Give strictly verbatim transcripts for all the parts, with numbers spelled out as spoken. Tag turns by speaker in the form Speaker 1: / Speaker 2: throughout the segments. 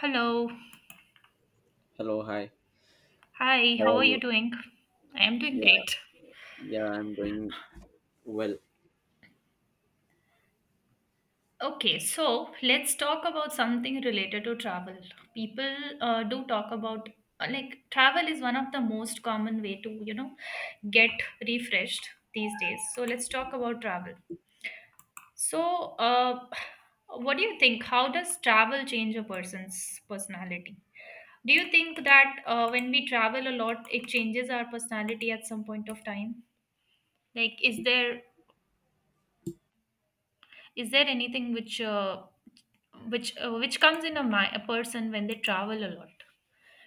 Speaker 1: Hello.
Speaker 2: Hello, hi.
Speaker 1: Hi,
Speaker 2: How
Speaker 1: how
Speaker 2: are
Speaker 1: are you
Speaker 2: you?
Speaker 1: doing? I am doing
Speaker 2: Yeah,
Speaker 1: great.
Speaker 2: yeah, I'm doing well.
Speaker 1: Okay, so Let's talk about something related to travel. People uh, do talk about uh, like travel is one of the most common way to you know get refreshed these days. So let's talk about travel. So, uh, what do you think? How does travel change a person's personality? Do you think that uh, when we travel a lot, it changes our personality at some point of time? Like, is there is there anything which uh, which uh, which comes in a, mi- a person when they travel a lot?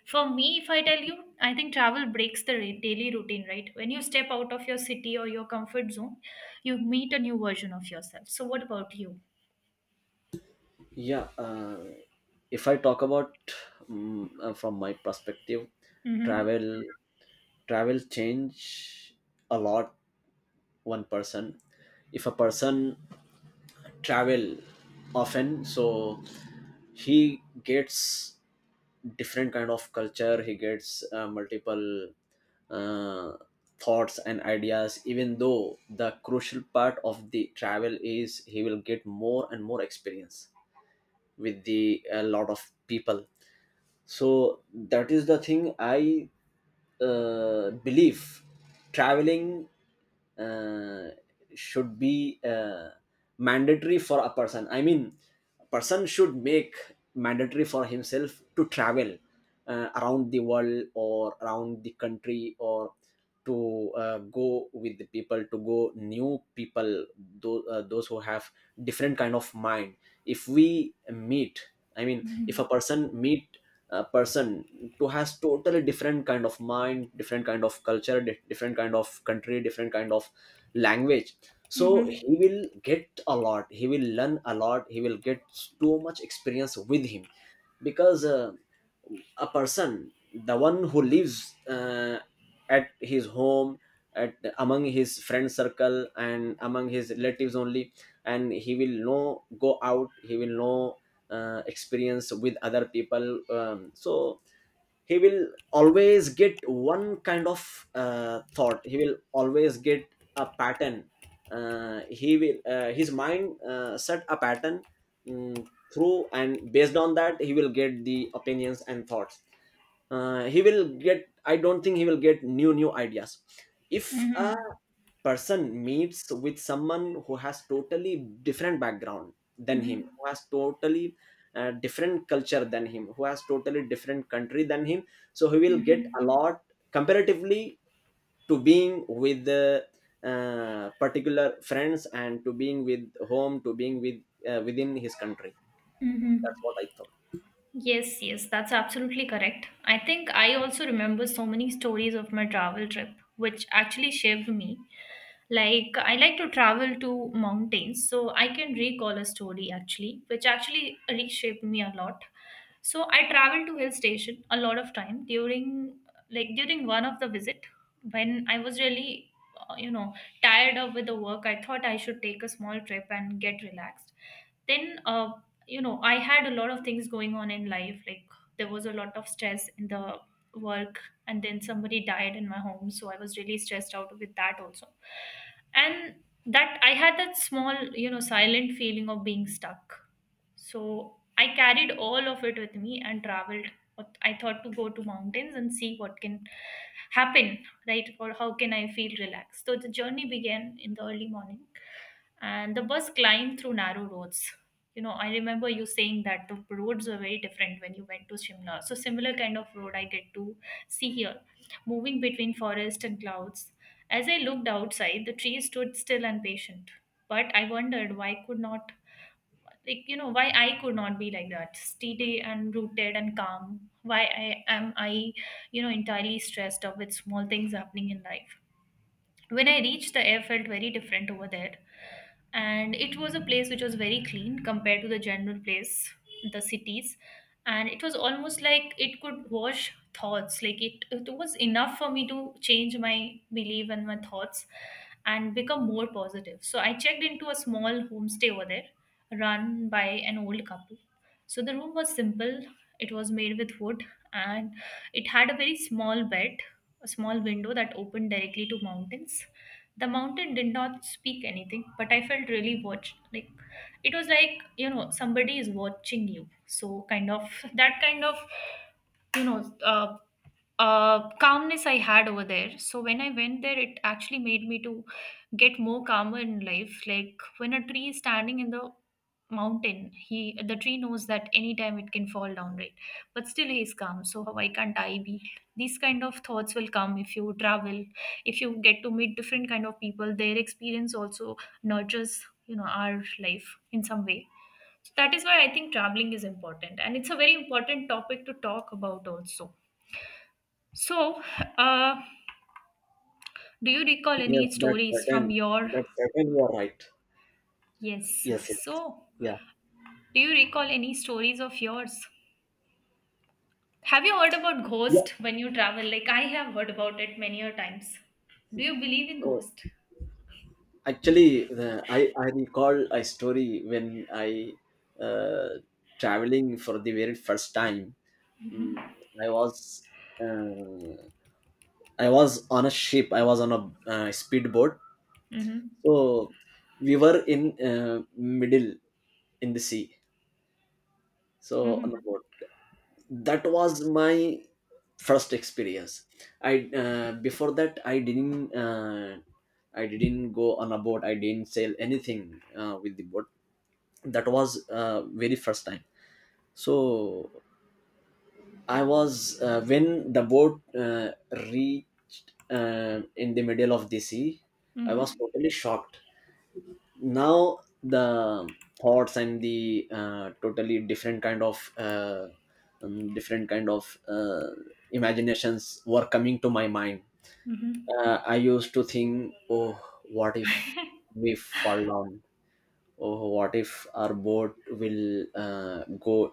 Speaker 1: For me, if I tell you, I think travel breaks the ra- daily routine, right? When you step out of your city or your comfort zone, you meet a new version of yourself. So, what about you?
Speaker 2: Yeah, uh, if I talk about mm uh, from my perspective,
Speaker 1: Mm-hmm.
Speaker 2: travel travel change a lot one person. If a person travel often, so he gets different kind of culture, he gets uh, multiple uh, thoughts and ideas, even though the crucial part of the travel is he will get more and more experience with the a lot of people. So that is the thing i uh, believe. Traveling uh, should be uh, mandatory for a person. I mean a person should make mandatory for himself to travel uh, around the world or around the country, or to uh, go with the people, to go new people, those, uh, those who have different kind of mind. If we meet, I mean if
Speaker 1: Mm-hmm.
Speaker 2: a person meet a person who has totally different kind of mind, different kind of culture, di- different kind of country, different kind of language, so
Speaker 1: Mm-hmm.
Speaker 2: he will get a lot, he will learn a lot, he will get so much experience with him. Because uh, a person, the one who lives uh, at his home, at among his friend circle and among his relatives only, and he will no go out, he will no uh, experience with other people, um, so he will always get one kind of uh, thought, he will always get a pattern, uh, he will, uh, his mind uh, set a pattern mm, through, and based on that he will get the opinions and thoughts. Uh, he will get, I don't think he will get new new ideas. If a
Speaker 1: Mm-hmm.
Speaker 2: person meets with someone who has totally different background than him,
Speaker 1: Mm-hmm.
Speaker 2: who has totally uh, different culture than him, who has totally different country than him, so he will get a lot comparatively to being with the uh, particular friends, and to being with home, to being with uh, within his country.
Speaker 1: Mm-hmm.
Speaker 2: That's what I thought.
Speaker 1: Yes, yes, that's absolutely correct. I think I also remember so many stories of my travel trip, which actually shaped me. Like, I like to travel to mountains, so I can recall a story actually, which actually reshaped me a lot. So I traveled to hill station a lot of time during like during one of the visit when I was really uh, you know tired of with the work. I thought I should take a small trip and get relaxed. Then uh, you know I had a lot of things going on in life. Like there was a lot of stress in the work, and then somebody died in my home, so I was really stressed out with that also. And that I had that small you know silent feeling of being stuck, so I carried all of it with me and traveled. I thought to go to mountains and see what can happen, right? Or how can I feel relaxed? So the journey began in the early morning and the bus climbed through narrow roads. You know, I remember you saying that the roads were very different when you went to Shimla. So similar kind of road I get to see here, moving between forest and clouds. As I looked outside, the trees stood still and patient. But I wondered why could not, like you know why I could not be like that, steady and rooted and calm. Why I am I you know entirely stressed up with small things happening in life? When I reached, the air felt very different over there. And it was a place which was very clean compared to the general place, the cities. And it was almost like it could wash thoughts. Like it, it was enough for me to change my belief and my thoughts and become more positive. So I checked into a small homestay over there run by an old couple. So the room was simple, it was made with wood, and it had a very small bed, a small window that opened directly to mountains. The mountain did not speak anything, but I felt really watched. Like it was like you know somebody is watching you. So kind of that kind of you know uh, uh, calmness I had over there. So when I went there, it actually made me to get more calmer in life. Like when a tree is standing in the mountain, he the tree knows that anytime it can fall down, right? But still he is calm. So why can't I be? These kind of thoughts will come if you travel, if you get to meet different kind of people. Their experience also nurtures you know our life in some way. So that is why I think traveling is important, and it's a very important topic to talk about also. So, uh, do you recall
Speaker 2: Yes,
Speaker 1: any
Speaker 2: that's
Speaker 1: stories from
Speaker 2: certain
Speaker 1: your?
Speaker 2: that's certain you are right.
Speaker 1: Yes.
Speaker 2: Yes, yes.
Speaker 1: So,
Speaker 2: Yeah,
Speaker 1: do you recall any stories of yours? Have you heard about
Speaker 2: yeah.
Speaker 1: ghost when you travel? Like I have heard about it many a times. Do you believe in
Speaker 2: Oh.
Speaker 1: ghost?
Speaker 2: Actually, uh, i i recall a story when I uh, traveling for the very first time. Mm, I was uh, I was on a ship. I was on a uh, speedboat.
Speaker 1: Mm-hmm.
Speaker 2: So we were in uh, middle in the sea. So on a
Speaker 1: Mm-hmm.
Speaker 2: boat. That was my first experience. I uh, Before that I didn't uh, I didn't go on a boat. I didn't sail anything uh, with the boat. That was uh, very first time. So I was uh, when the boat uh, reached uh, in the middle of the sea, I was
Speaker 1: Mm-hmm.
Speaker 2: totally shocked. Now the thoughts and the uh, totally different kind of uh, um, different kind of uh, imaginations were coming to my mind.
Speaker 1: Mm-hmm.
Speaker 2: Uh, I used to think, oh, what if we fall down? Oh, what if our boat will uh, go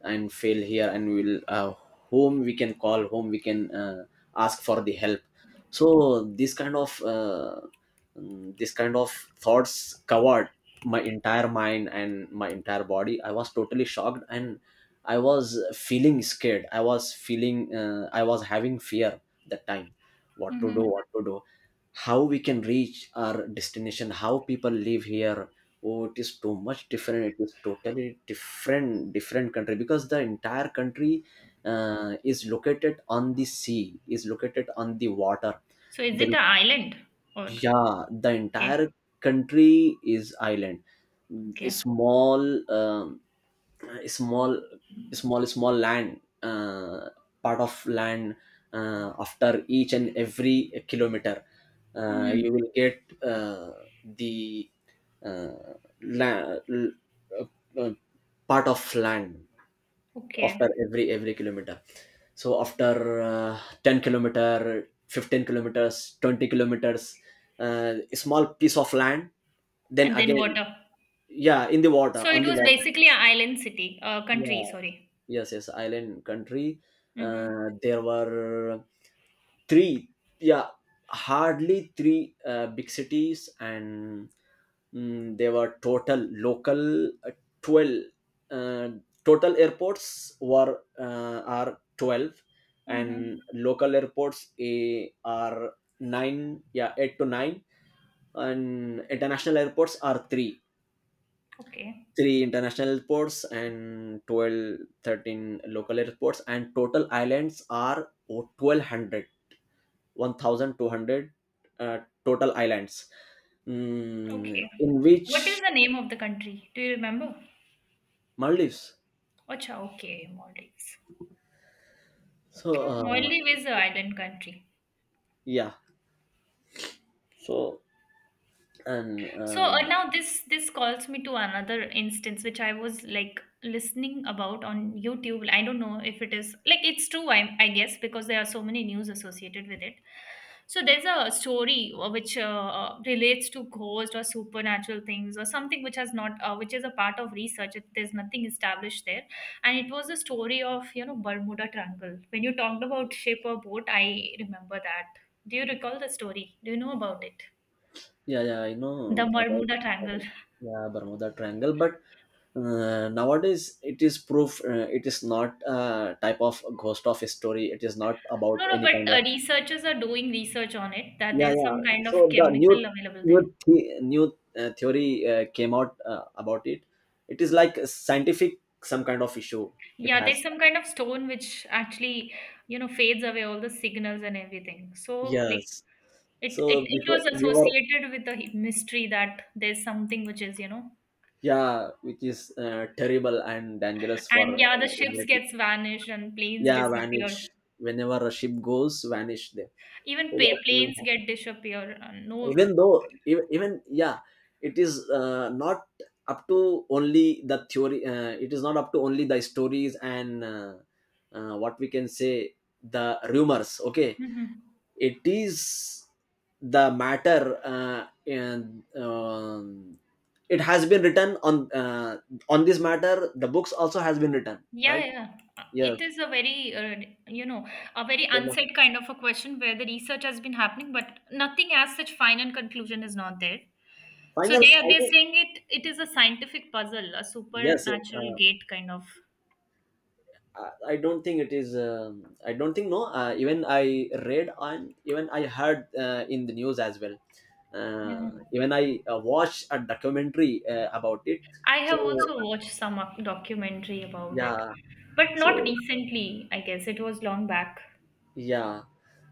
Speaker 2: and fail here, and we'll, uh, whom we can call, whom we can uh, ask for the help? So this kind of uh, mm, this kind of thoughts covered my entire mind and my entire body. I was totally shocked, and I was feeling scared, I was feeling uh, i was having fear that time. What to do
Speaker 1: Mm-hmm.
Speaker 2: what to do how we can reach our destination, how people live here. Oh, it is too much different, it is totally different, different country, because the entire country uh, is located on the sea, is located on the water
Speaker 1: So is it
Speaker 2: there.
Speaker 1: an island or
Speaker 2: Yeah, the
Speaker 1: okay?
Speaker 2: entire country is island. A
Speaker 1: Okay.
Speaker 2: small, um, a small small small land uh, part of land uh, after each and every kilometer, uh, you
Speaker 1: Mm-hmm.
Speaker 2: will get uh, the uh, la- l- uh, uh, part of land after
Speaker 1: Okay.
Speaker 2: every every kilometer. So after uh, ten kilometer, fifteen kilometers, twenty kilometers, uh, a small piece of land, then
Speaker 1: And then
Speaker 2: again.
Speaker 1: water.
Speaker 2: Yeah, in the water,
Speaker 1: So
Speaker 2: on
Speaker 1: it
Speaker 2: the
Speaker 1: was
Speaker 2: water.
Speaker 1: basically an island city, uh, country. Sorry.
Speaker 2: Yes, yes, island country.
Speaker 1: Mm-hmm.
Speaker 2: Uh, there were three, yeah, hardly three uh, big cities. And mm, there were total local uh, twelve, uh, total airports were uh, are twelve,
Speaker 1: Mm-hmm.
Speaker 2: and local airports, eh, are nine, yeah, eight to nine, and international airports are 3.
Speaker 1: Okay.
Speaker 2: Three international airports and twelve, thirteen local airports, and total islands are o- twelve hundred, one thousand two hundred uh, total islands, mm,
Speaker 1: Okay.
Speaker 2: in
Speaker 1: What is
Speaker 2: which
Speaker 1: the name of the country? Do you remember?
Speaker 2: Maldives.
Speaker 1: Acha, okay, Maldives.
Speaker 2: So
Speaker 1: Oh, Maldives
Speaker 2: uh,
Speaker 1: is an island country.
Speaker 2: yeah. So and
Speaker 1: So uh,
Speaker 2: um,
Speaker 1: now this this calls me to another instance which I was like listening about on YouTube. I don't know if it is like it's true. I I guess because there are so many news associated with it. So there's a story uh, which uh, uh, relates to ghost or supernatural things or something which has not uh, which is a part of research. It, there's nothing established there, and it was a story of you know Bermuda Triangle. When you talked about ship or boat, I remember that. Do you recall the story? Do you know about it?
Speaker 2: yeah, yeah, I know
Speaker 1: The
Speaker 2: about.
Speaker 1: Bermuda Triangle.
Speaker 2: Yeah, Bermuda Triangle. But uh, nowadays it is proof, uh, it is not a type of ghost of a story, it is not about
Speaker 1: No, no,
Speaker 2: any
Speaker 1: but
Speaker 2: kind
Speaker 1: uh,
Speaker 2: of.
Speaker 1: researchers are doing research on it that
Speaker 2: Yeah,
Speaker 1: there's
Speaker 2: yeah,
Speaker 1: some kind of
Speaker 2: so the new,
Speaker 1: chemical available
Speaker 2: new
Speaker 1: there.
Speaker 2: the- new uh, theory uh, came out uh, about it. It is like a scientific some kind of issue. It
Speaker 1: Yeah, there's
Speaker 2: has,
Speaker 1: some kind of stone which actually, you know, fades away all the signals and everything. So, like,
Speaker 2: yes.
Speaker 1: it, it,
Speaker 2: So
Speaker 1: it
Speaker 2: before
Speaker 1: was
Speaker 2: we were,
Speaker 1: associated with the mystery that there's something which is, you know,
Speaker 2: yeah, which is uh, terrible and dangerous
Speaker 1: and
Speaker 2: for
Speaker 1: yeah, the
Speaker 2: uh,
Speaker 1: ships
Speaker 2: everything.
Speaker 1: gets vanished and planes
Speaker 2: Yeah, vanish.
Speaker 1: disappear.
Speaker 2: Whenever a ship goes vanish there. So
Speaker 1: Even pa-
Speaker 2: yes,
Speaker 1: planes get disappear. Uh, no,
Speaker 2: even though, even, even yeah, it is uh, not up to only the theory, uh, it is not up to only the stories and, uh, uh, what we can say, the rumors, okay.
Speaker 1: Mhm.
Speaker 2: It is the matter, uh, and um, it has been written on, uh, on this matter the books also has been written,
Speaker 1: Yeah,
Speaker 2: right?
Speaker 1: yeah. Uh,
Speaker 2: Yes,
Speaker 1: It is a very, uh, you know, a very
Speaker 2: famous.
Speaker 1: unsaid kind of a question where the research has been happening, but nothing as such final conclusion is not there. So
Speaker 2: Final,
Speaker 1: they are
Speaker 2: I
Speaker 1: they're
Speaker 2: think.
Speaker 1: saying it it is a scientific puzzle, a
Speaker 2: Yes, yes.
Speaker 1: supernatural
Speaker 2: uh,
Speaker 1: gate kind of.
Speaker 2: uh, I don't think it is. Um, I don't think, no. Uh, even I read and even I heard uh, in the news as well.
Speaker 1: Yeah.
Speaker 2: Uh, even I uh, watched a documentary uh, about it.
Speaker 1: I
Speaker 2: So
Speaker 1: have also watched some doc- documentary about it,
Speaker 2: yeah,
Speaker 1: but not
Speaker 2: so
Speaker 1: recently, I guess. It was long back.
Speaker 2: yeah,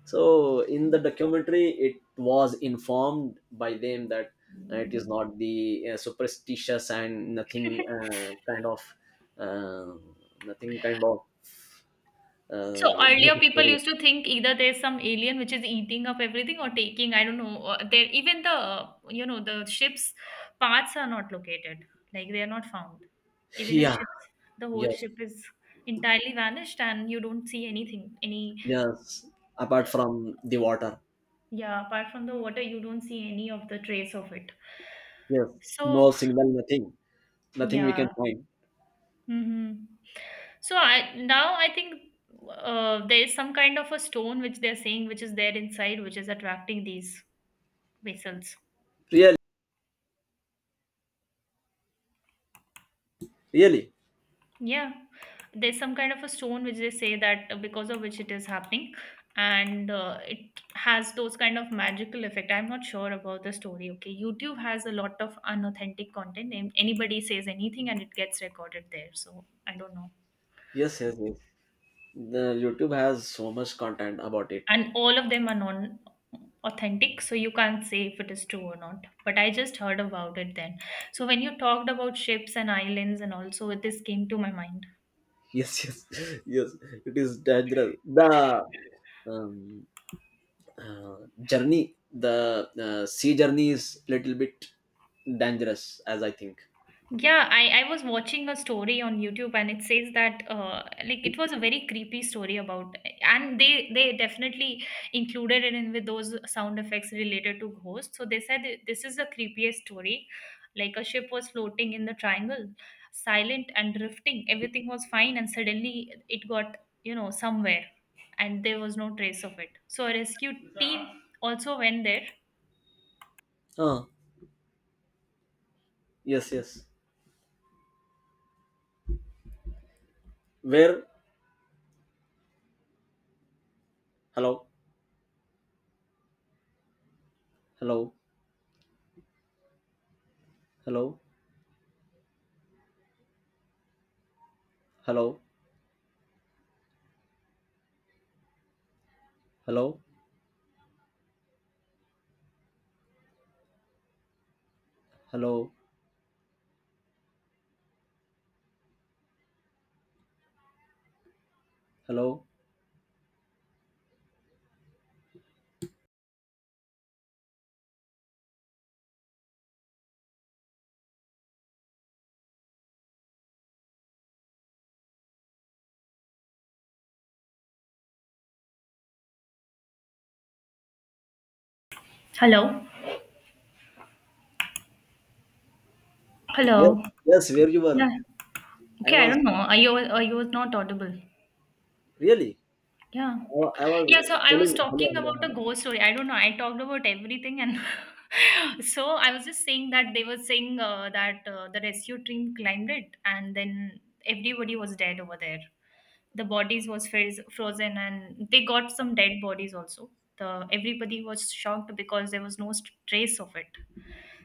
Speaker 2: so in the documentary, it was informed by them that uh, it is not the uh, superstitious and nothing uh, kind of, uh, nothing kind of,
Speaker 1: So
Speaker 2: uh,
Speaker 1: earlier people used to think either there's some alien which is eating up everything or taking, I don't know, uh, there even the uh, you know the ship's parts are not located. Like they are not found. Even if
Speaker 2: yeah.
Speaker 1: ships the whole
Speaker 2: Yes.
Speaker 1: ship is entirely vanished, and you don't see anything, any
Speaker 2: Yes, apart from the water.
Speaker 1: yeah, apart from the water you don't see any of the trace of it.
Speaker 2: Yes, no
Speaker 1: So
Speaker 2: signal, nothing, nothing we
Speaker 1: yeah.
Speaker 2: can find.
Speaker 1: Mm-hmm. So I now I think uh, there is some kind of a stone which they're saying which is there inside, which is attracting these vessels.
Speaker 2: Really, really.
Speaker 1: Yeah, there's some kind of a stone which they say that uh, because of which it is happening, and uh, it has those kind of magical effect. I'm not sure about the story. Okay, YouTube has a lot of unauthentic content, and anybody says anything and it gets recorded there. So I don't know,
Speaker 2: Yes, yes, yes. The YouTube has so much content about it.
Speaker 1: and all of them are non authentic, so you can't say if it is true or not. But I just heard about it then. So when you talked about ships and islands and also this came to my mind.
Speaker 2: Yes, yes, yes. It is dangerous. The, um, uh, journey, the uh, sea journey is little bit dangerous, as I think.
Speaker 1: Yeah, I, I was watching a story on YouTube and it says that uh, like it was a very creepy story about, and they they definitely included it in with those sound effects related to ghosts. So they said it- this is the creepiest story. Like a ship was floating in the triangle, silent and drifting. Everything was fine and suddenly it got, you know, somewhere and there was no trace of it. So a rescue team also went there.
Speaker 2: Ah, yes, yes. Where? Hello, hello, hello, hello, hello, hello, hello.
Speaker 1: Hello.
Speaker 2: Yes,
Speaker 1: Hello.
Speaker 2: yes. Where you
Speaker 1: Yeah.
Speaker 2: were? I
Speaker 1: Okay, I
Speaker 2: was.
Speaker 1: don't know. Are you are you was not audible?
Speaker 2: Really?
Speaker 1: Yeah.
Speaker 2: Uh, I
Speaker 1: Yeah, so
Speaker 2: was
Speaker 1: I was
Speaker 2: telling hello,
Speaker 1: talking
Speaker 2: hello,
Speaker 1: about a
Speaker 2: hello.
Speaker 1: ghost story. I don't know. I talked about everything and so I was just saying that they were saying uh, that uh, the rescue team climbed it and then everybody was dead over there. The bodies was friz- frozen and they got some dead bodies also. The everybody was shocked because there was no st- trace of it.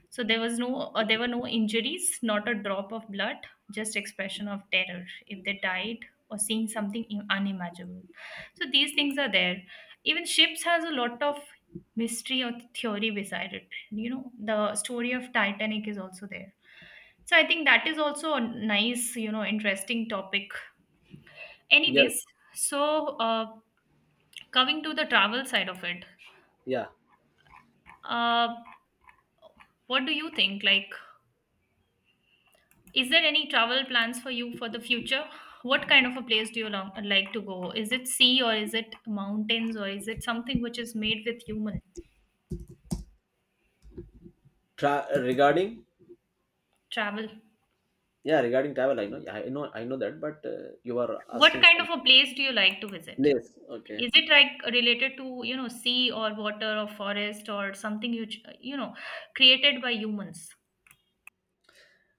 Speaker 1: So there was no, uh, there were no injuries, not a drop of blood, just expression of terror if they died or seeing something im- unimaginable. So these things are there. Even ships has a lot of mystery or theory beside it. You know, the story of Titanic is also there. So I think that is also a nice, you know, interesting topic.
Speaker 2: Yes,
Speaker 1: Anyways, so uh, coming to the travel side of it,
Speaker 2: yeah.
Speaker 1: uh, what do you think? Like, is there any travel plans for you for the future? What kind of a place do you long, like to go? Is it sea or is it mountains or is it something which is made with human
Speaker 2: Tra- regarding,
Speaker 1: travel?
Speaker 2: yeah, regarding travel, I know. Yeah, I know, I know that. But uh, you are
Speaker 1: What
Speaker 2: asking
Speaker 1: kind
Speaker 2: for
Speaker 1: of a place do you like to visit?
Speaker 2: place. Okay.
Speaker 1: Is it like related to, you know, sea or water or forest or something you, ch- you know, created by humans?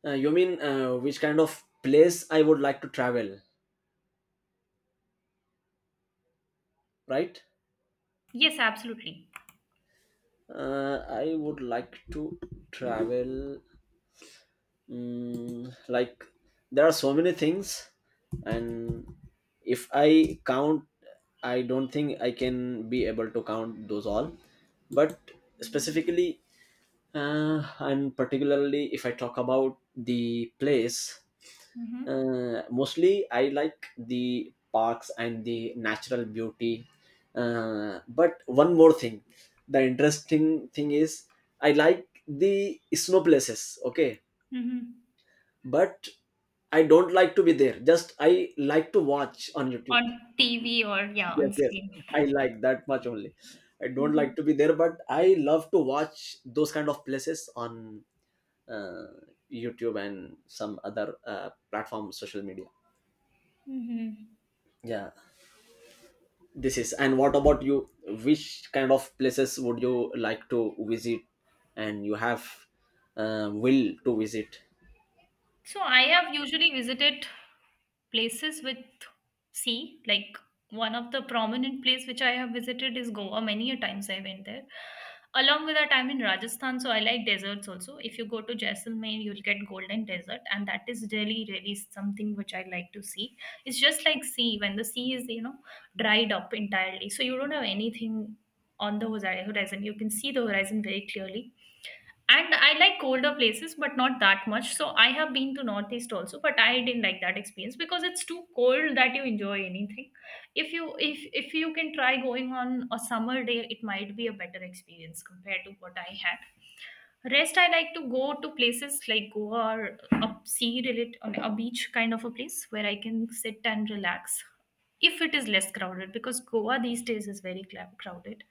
Speaker 2: Uh, you mean uh, which kind of place I would like to travel, right?
Speaker 1: Yes, absolutely.
Speaker 2: Uh, I would like to travel. Mm like, there are so many things, and if I count, I don't think I can be able to count those all. But specifically, Uh, and particularly if I talk about the place,
Speaker 1: Mm-hmm.
Speaker 2: uh, mostly I like the parks and the natural beauty. Uh, but one more thing, the interesting thing is I like the snow places. Okay,
Speaker 1: Mm-hmm.
Speaker 2: but I don't like to be there. Just I like to watch on YouTube.
Speaker 1: On T V or yeah,
Speaker 2: Yes,
Speaker 1: on
Speaker 2: yes,
Speaker 1: screen.
Speaker 2: I like that much only. I don't
Speaker 1: Mm-hmm.
Speaker 2: like to be there, but I love to watch those kind of places on uh, YouTube and some other uh, platform, social media.
Speaker 1: Mm-hmm.
Speaker 2: Yeah, this is. And what about you? Which kind of places would you like to visit, and you have uh, will to visit?
Speaker 1: So I have usually visited places with sea. Like one of the prominent place which I have visited is Goa. Many a times I went there. Along with that, I'm in Rajasthan, so I like deserts also. If you go to Jaisalmer, you'll get golden desert, and that is really, really something which I like to see. It's just like sea when the sea is, you know, dried up entirely, so you don't have anything on the horiz- horizon. You can see the horizon very clearly and I like colder places, but not that much. So I have been to Northeast also, but I didn't like that experience because it's too cold that you enjoy anything. If you if if you can try going on a summer day, it might be a better experience compared to what I had. Rest, I like to go to places like Goa or a sea related, a beach kind of a place where I can sit and relax if it is less crowded because Goa these days is very cla- crowded.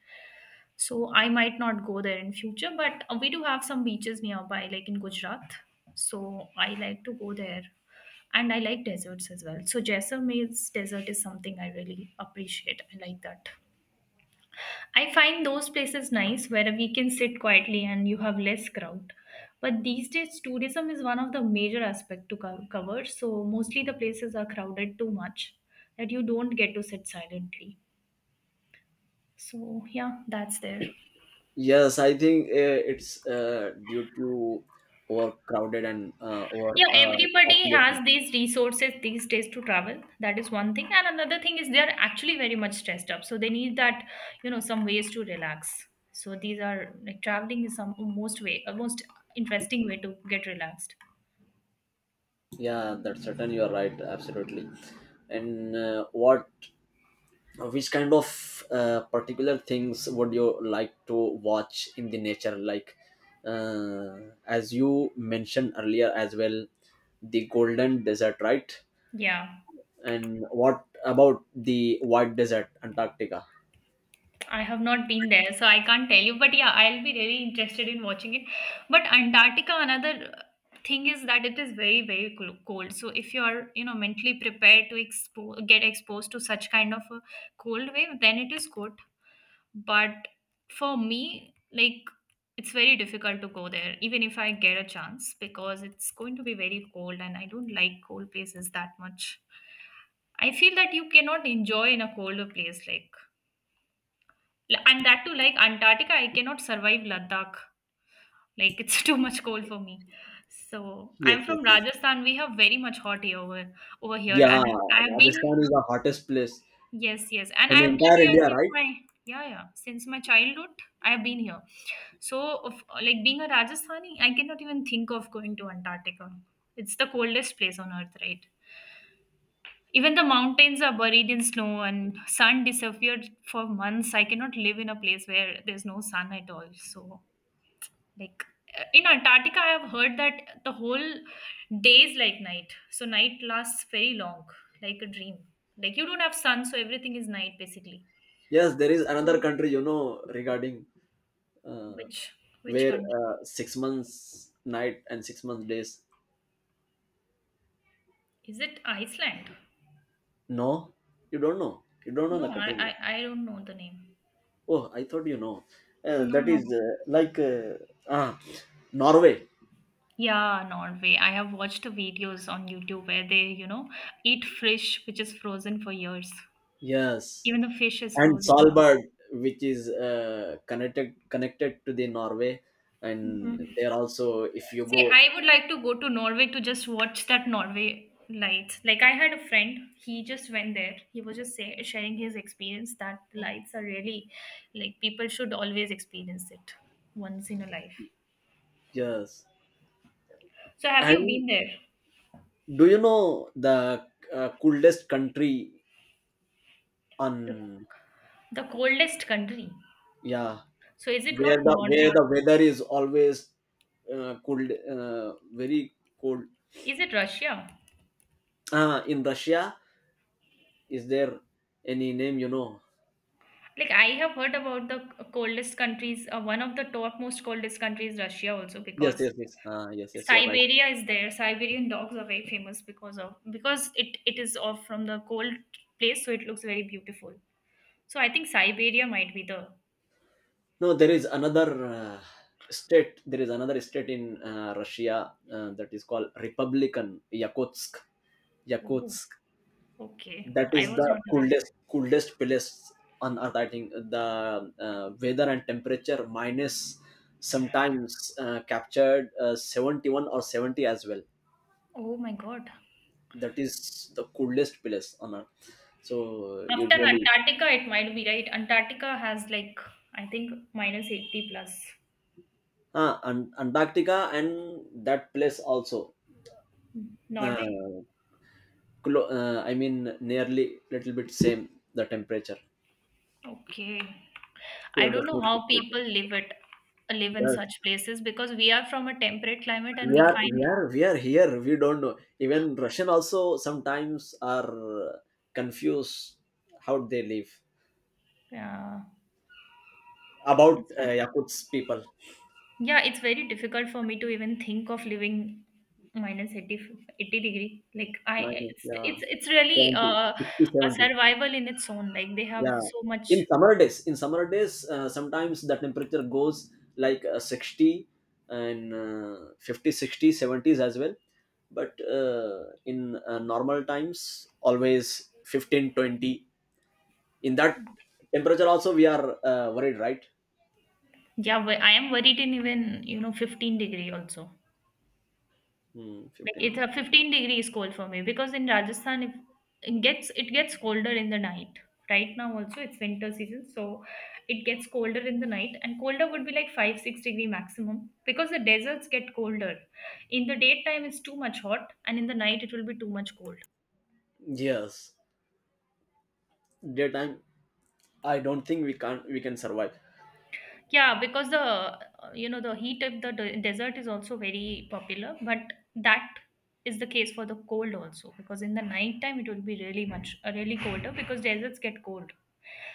Speaker 1: So I might not go there in future, but uh, we do have some beaches nearby, like in Gujarat. So I like to go there. And I like deserts as well, so Jaisalmer's desert is something I really appreciate. I like that. I find those places nice where we can sit quietly and you have less crowd. But these days tourism is one of the major aspect to co- cover, so mostly the places are crowded too much that you don't get to sit silently. So yeah, that's there.
Speaker 2: Yes, I think uh, it's uh, due to overcrowded and uh, over
Speaker 1: Yeah,
Speaker 2: uh,
Speaker 1: everybody
Speaker 2: population.
Speaker 1: has these resources these days to travel. That is one thing. And another thing is they're actually very much stressed up. So they need that, you know, some ways to relax. So these are like traveling is some most way, a most interesting way to get relaxed.
Speaker 2: Yeah, that's certain, you are right, absolutely. And uh, what, which kind of uh, particular things would you like to watch in the nature? Like, uh, as you mentioned earlier as well, the golden desert, right?
Speaker 1: Yeah,
Speaker 2: And what about the white desert, Antarctica?
Speaker 1: I have not been there, so I can't tell you. But yeah, I'll be really interested in watching it. But Antarctica, another thing is that it is very, very clo- cold. So if you're, you know, mentally prepared to expo- get exposed to such kind of a cold wave, then it is good. But for me, like, it's very difficult to go there even if I get a chance because it's going to be very cold and I don't like cold places that much. I feel that you cannot enjoy in a colder place, like, and that too, like Antarctica, I cannot survive Ladakh. Like it's too much cold for me. So
Speaker 2: Yes,
Speaker 1: I'm
Speaker 2: yes,
Speaker 1: from
Speaker 2: yes.
Speaker 1: Rajasthan. We have very much hot air over over here
Speaker 2: Yeah,
Speaker 1: and I have been.
Speaker 2: Rajasthan is the hottest place
Speaker 1: Yes, yes. And
Speaker 2: in the
Speaker 1: I've been
Speaker 2: entire
Speaker 1: here
Speaker 2: India,
Speaker 1: since
Speaker 2: right?
Speaker 1: my yeah, yeah, since my childhood. I have been here. So, of, like being a Rajasthani, I cannot even think of going to Antarctica. It's the coldest place on earth, right? Even the mountains are buried in snow and sun disappeared for months. I cannot live in a place where there's no sun at all. So, like uh, in Antarctica, I have heard that the whole day is like night. So, night lasts very long, like a dream. Like you don't have sun, so everything is night basically.
Speaker 2: Yes, there is another
Speaker 1: So,
Speaker 2: country, you know, regarding uh,
Speaker 1: which which
Speaker 2: where
Speaker 1: country?
Speaker 2: uh, six months night and six months days.
Speaker 1: Is it Iceland?
Speaker 2: No, you don't know, you don't know the
Speaker 1: No, I,
Speaker 2: country.
Speaker 1: I I don't know the name.
Speaker 2: Oh, I thought you know. Uh,
Speaker 1: No,
Speaker 2: that
Speaker 1: no.
Speaker 2: is uh, like uh, ah, Norway.
Speaker 1: Yeah, Norway. I have watched the videos on YouTube where they, you know, eat fish which is frozen for years.
Speaker 2: Yes,
Speaker 1: Even the fish is
Speaker 2: and
Speaker 1: frozen now.
Speaker 2: Svalbard, which is uh, connected connected to the Norway,
Speaker 1: Mhm.
Speaker 2: and there also if you
Speaker 1: See,
Speaker 2: go,
Speaker 1: I would like to go to Norway to just watch that Norway lights. Like I had a friend, he just went there. He was just say, sharing his experience that lights are really like people should always experience it once in a life.
Speaker 2: yes.
Speaker 1: So have you
Speaker 2: And
Speaker 1: been there?
Speaker 2: do you know the uh, coolest country
Speaker 1: The,
Speaker 2: on?
Speaker 1: the coldest country.
Speaker 2: Yeah,
Speaker 1: So is it
Speaker 2: where
Speaker 1: not
Speaker 2: the where
Speaker 1: Norway?
Speaker 2: the weather is always uh, cold, uh, very cold.
Speaker 1: Is it Russia?
Speaker 2: Ah, in Russia, is there any name you know?
Speaker 1: Like I have heard about the coldest countries. Uh, one of the top most coldest countries, Russia, also
Speaker 2: Yes,
Speaker 1: because
Speaker 2: yes, yes. Uh, yes, yes, you're right.
Speaker 1: Siberia is there. Siberian dogs are very famous because of because it it is off from the cold place, so it looks very beautiful. So I think Siberia might be the.
Speaker 2: No, there is another uh, state. There is another state in uh, Russia uh, that is called Republican Yakutsk.
Speaker 1: Oh,
Speaker 2: Yakutsk.
Speaker 1: okay.
Speaker 2: That
Speaker 1: I
Speaker 2: is
Speaker 1: was
Speaker 2: the
Speaker 1: not aware about.
Speaker 2: coolest, coolest place on earth. I think the uh, weather and temperature minus sometimes uh, captured uh, seventy-one or seventy as well.
Speaker 1: Oh my God.
Speaker 2: That is the coolest place on earth. So
Speaker 1: After
Speaker 2: usually,
Speaker 1: Antarctica, it might be right. Antarctica has like I think minus eighty plus.
Speaker 2: ah, and Antarctica and that place also.
Speaker 1: Norway.
Speaker 2: Uh, Clo- uh, I mean, nearly little bit same the temperature.
Speaker 1: Okay. I
Speaker 2: Same,
Speaker 1: don't
Speaker 2: the
Speaker 1: know
Speaker 2: same
Speaker 1: how people
Speaker 2: temperature.
Speaker 1: live it live in
Speaker 2: Yes,
Speaker 1: such places because we are from a temperate climate and
Speaker 2: we
Speaker 1: we
Speaker 2: are we
Speaker 1: find,
Speaker 2: are we are here. We don't know. Even Russian also sometimes are confused how they live
Speaker 1: yeah,
Speaker 2: about
Speaker 1: it's
Speaker 2: uh, Yakutsk people.
Speaker 1: yeah it's very difficult for me to even think of living minus minus eighty eighty degree, like, I
Speaker 2: Minus,
Speaker 1: it's
Speaker 2: yeah,
Speaker 1: it's it's really
Speaker 2: seventy,
Speaker 1: uh,
Speaker 2: sixty,
Speaker 1: a
Speaker 2: seventy.
Speaker 1: survival in its own, like they have
Speaker 2: Yeah,
Speaker 1: so much.
Speaker 2: in summer days, in summer days, uh, sometimes the temperature goes like uh, sixty and uh, fifty, sixty, seventies as well. But uh, in uh, normal times, always fifteen, twenty. In that temperature also, we are uh, worried, right?
Speaker 1: Yeah, but I am worried in even you know fifteen degree also.
Speaker 2: Hmm,
Speaker 1: Like it's
Speaker 2: fifteen.
Speaker 1: a fifteen degrees cold for me because in Rajasthan if it gets it gets colder in the night. Right now also it's winter season, so it gets colder in the night and colder would be like five six degree maximum because the deserts get colder. In the daytime it's too much hot and in the night it will be too much cold.
Speaker 2: Yes, daytime. I don't think we can we can survive.
Speaker 1: Yeah, because the uh, you know the heat of the de- desert is also very popular, but that is the case for the cold also because in the night time it will be really much uh, really colder because deserts get cold.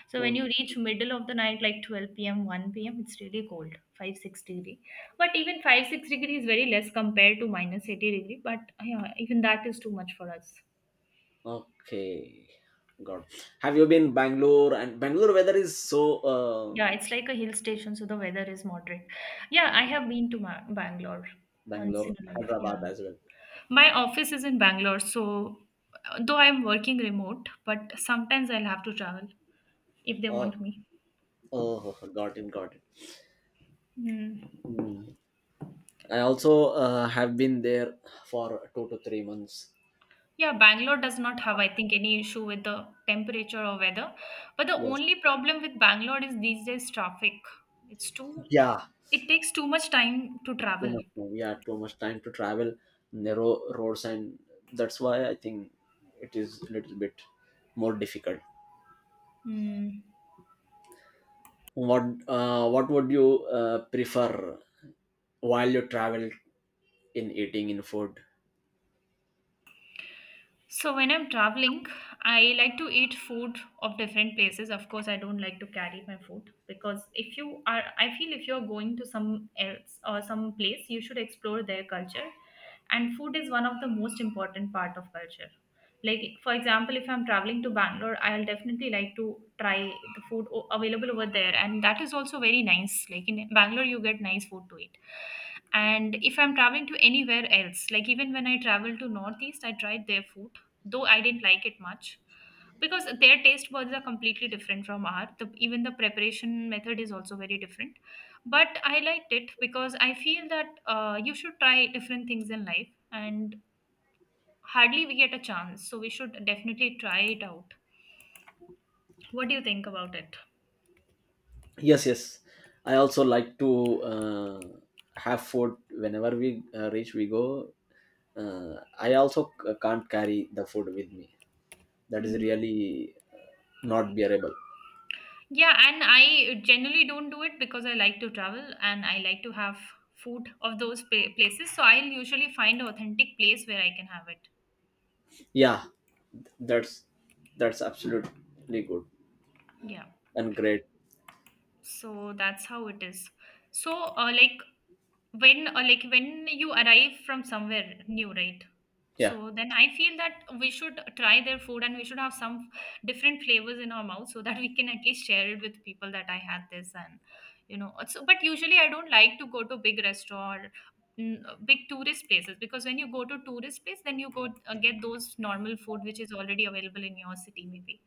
Speaker 1: So when
Speaker 2: Oh,
Speaker 1: you reach middle of the night like twelve p m one p m it's really cold five six degree. But even five six degree is very less compared to minus eighty degree, but yeah, even that is too much for us.
Speaker 2: okay, God, have you been Bangalore? And Bangalore weather is so.
Speaker 1: Yeah,
Speaker 2: um
Speaker 1: it's like a hill station so the weather is moderate. Yeah, I have been to Ma- Bangalore once in
Speaker 2: Bangalore,
Speaker 1: a life. Yeah.
Speaker 2: Hyderabad as well.
Speaker 1: My office is in Bangalore, so uh, though I'm working remote, but sometimes I'll have to travel if they
Speaker 2: Oh,
Speaker 1: want me.
Speaker 2: oh, got it, got it.
Speaker 1: Hmm.
Speaker 2: Mm. I also uh, have been there for two to three months.
Speaker 1: Yeah, Bangalore does not have, I think, any issue with the temperature or weather. But the
Speaker 2: Yes.
Speaker 1: only problem with Bangalore is these days traffic. It's too,
Speaker 2: Yeah.
Speaker 1: it takes too much time to
Speaker 2: Too
Speaker 1: travel.
Speaker 2: much time. Yeah, too much time to travel, narrow roads, and that's why I think it is a little bit more difficult.
Speaker 1: Hmm.
Speaker 2: What uh, What would you uh, prefer while you travel in eating, in food?
Speaker 1: So when I'm traveling, I like to eat food of different places. Of course, I don't like to carry my food because if you are, I feel if you're going to some else or some place, you should explore their culture. And food is one of the most important part of culture. Like for example, if I'm traveling to Bangalore, I'll definitely like to try the food o- available over there, and that is also very nice. Like in Bangalore, you get nice food to eat. And if I'm traveling to anywhere else, like even when I travel to Northeast, I tried their food though I didn't like it much because their taste buds are completely different from ours. The, even the preparation method is also very different. But I liked it because I feel that uh, you should try different things in life, and hardly we get a chance, so we should definitely try it out. What do you think about it?
Speaker 2: Yes, yes. I also like to uh, have food whenever we uh, reach. We go, uh, i also c- uh, can't carry the food with me, that is
Speaker 1: Mm.
Speaker 2: really not bearable.
Speaker 1: Yeah, and I generally don't do it because I like to travel and I like to have food of those pa- places. So I'll usually find an authentic place where I can have it.
Speaker 2: Yeah, that's that's absolutely good
Speaker 1: Yeah.
Speaker 2: and great.
Speaker 1: So that's how it is. So uh, like when, or like when you arrive from somewhere new, right?
Speaker 2: Yeah,
Speaker 1: So then I feel that we should try their food and we should have some different flavors in our mouth, so that we can at least share it with people that I had this and you know so. But usually I don't like to go to big restaurant, n- big tourist places, because when you go to tourist place then you go uh, get those normal food which is already available in your city maybe.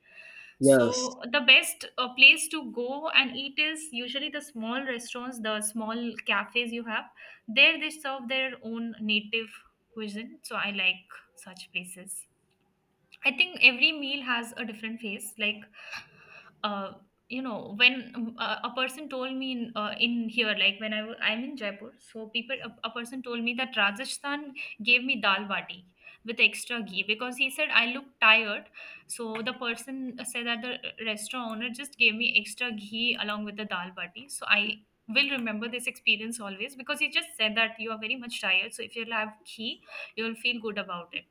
Speaker 2: yes,
Speaker 1: So the best uh, place to go and eat is usually the small restaurants, the small cafes you have there. They serve their own native cuisine, so I like such places. I think every meal has a different face, like, uh, you know when uh, a person told me in, uh, in here, like when I w- i'm in Jaipur, so people a, a person told me that Rajasthan gave me dal bati with extra ghee because he said I look tired. So the person said that the restaurant owner just gave me extra ghee along with the dal bati, so I will remember this experience always because he just said that you are very much tired, so if you'll have ghee you'll feel good about it.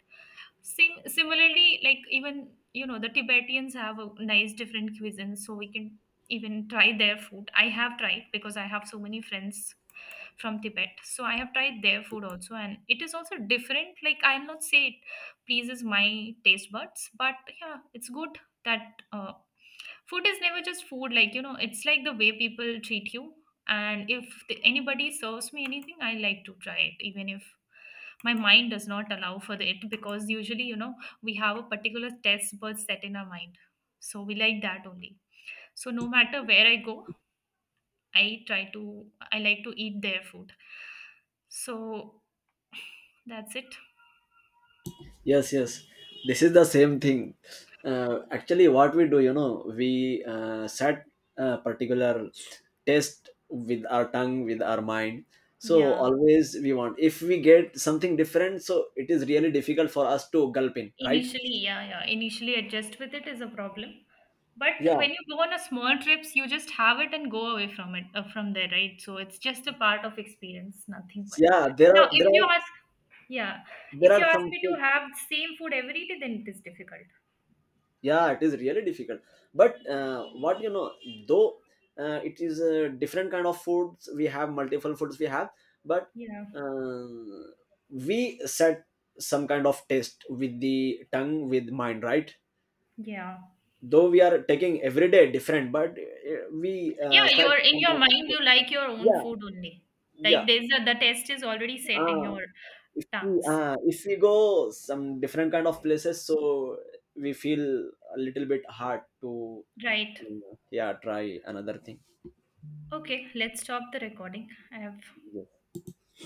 Speaker 1: Sim similarly, like even you know the Tibetans have a nice different cuisine, so we can even try their food. I have tried because I have so many friends from Tibet. So I have tried their food also, and it is also different. Like I'll not say it pleases my taste buds, but yeah, it's good that uh, food is never just food. Like, you know, it's like the way people treat you. And if the, anybody serves me anything, I like to try it, even if my mind does not allow for it. Because usually, you know, we have a particular taste bud set in our mind, so we like that only. So no matter where I go, I try to I like to eat their food. So that's it.
Speaker 2: yes, yes, this is the same thing. Uh, actually, what we do, you know, we uh, set a particular test with our tongue, with our mind, so
Speaker 1: Yeah.
Speaker 2: always we want. If we get something different, so it is really difficult for us to gulp in, right?
Speaker 1: Initially, yeah, yeah. Initially adjust with it is a problem. But
Speaker 2: Yeah,
Speaker 1: when you go on a small trips, you just have it and go away from it uh, from there, right? So it's just a part of experience, nothing but.
Speaker 2: yeah, there
Speaker 1: Now,
Speaker 2: are there
Speaker 1: if
Speaker 2: are
Speaker 1: you ask, yeah,
Speaker 2: there
Speaker 1: if you
Speaker 2: are
Speaker 1: ask
Speaker 2: some
Speaker 1: me to
Speaker 2: food-
Speaker 1: have same food every day, then it is difficult.
Speaker 2: yeah, it is really difficult. But uh, what you know, though uh, it is a different kind of foods, we have multiple foods we have, but
Speaker 1: Yeah,
Speaker 2: uh, we set some kind of taste with the tongue, with mind, right?
Speaker 1: yeah.
Speaker 2: Though we are taking every day different, but uh, we uh,
Speaker 1: Yeah,
Speaker 2: set
Speaker 1: you're in
Speaker 2: some
Speaker 1: your
Speaker 2: kind of
Speaker 1: mind,
Speaker 2: taste.
Speaker 1: you like your own
Speaker 2: Yeah,
Speaker 1: food only. Like
Speaker 2: yeah.
Speaker 1: there's a, the taste is already set in
Speaker 2: uh,
Speaker 1: your
Speaker 2: if we
Speaker 1: tongues.
Speaker 2: uh, if we go some different kind of places, so we feel a little bit hard to,
Speaker 1: Right.
Speaker 2: um, yeah, try another thing.
Speaker 1: Okay, let's stop the recording. I have
Speaker 2: Yes.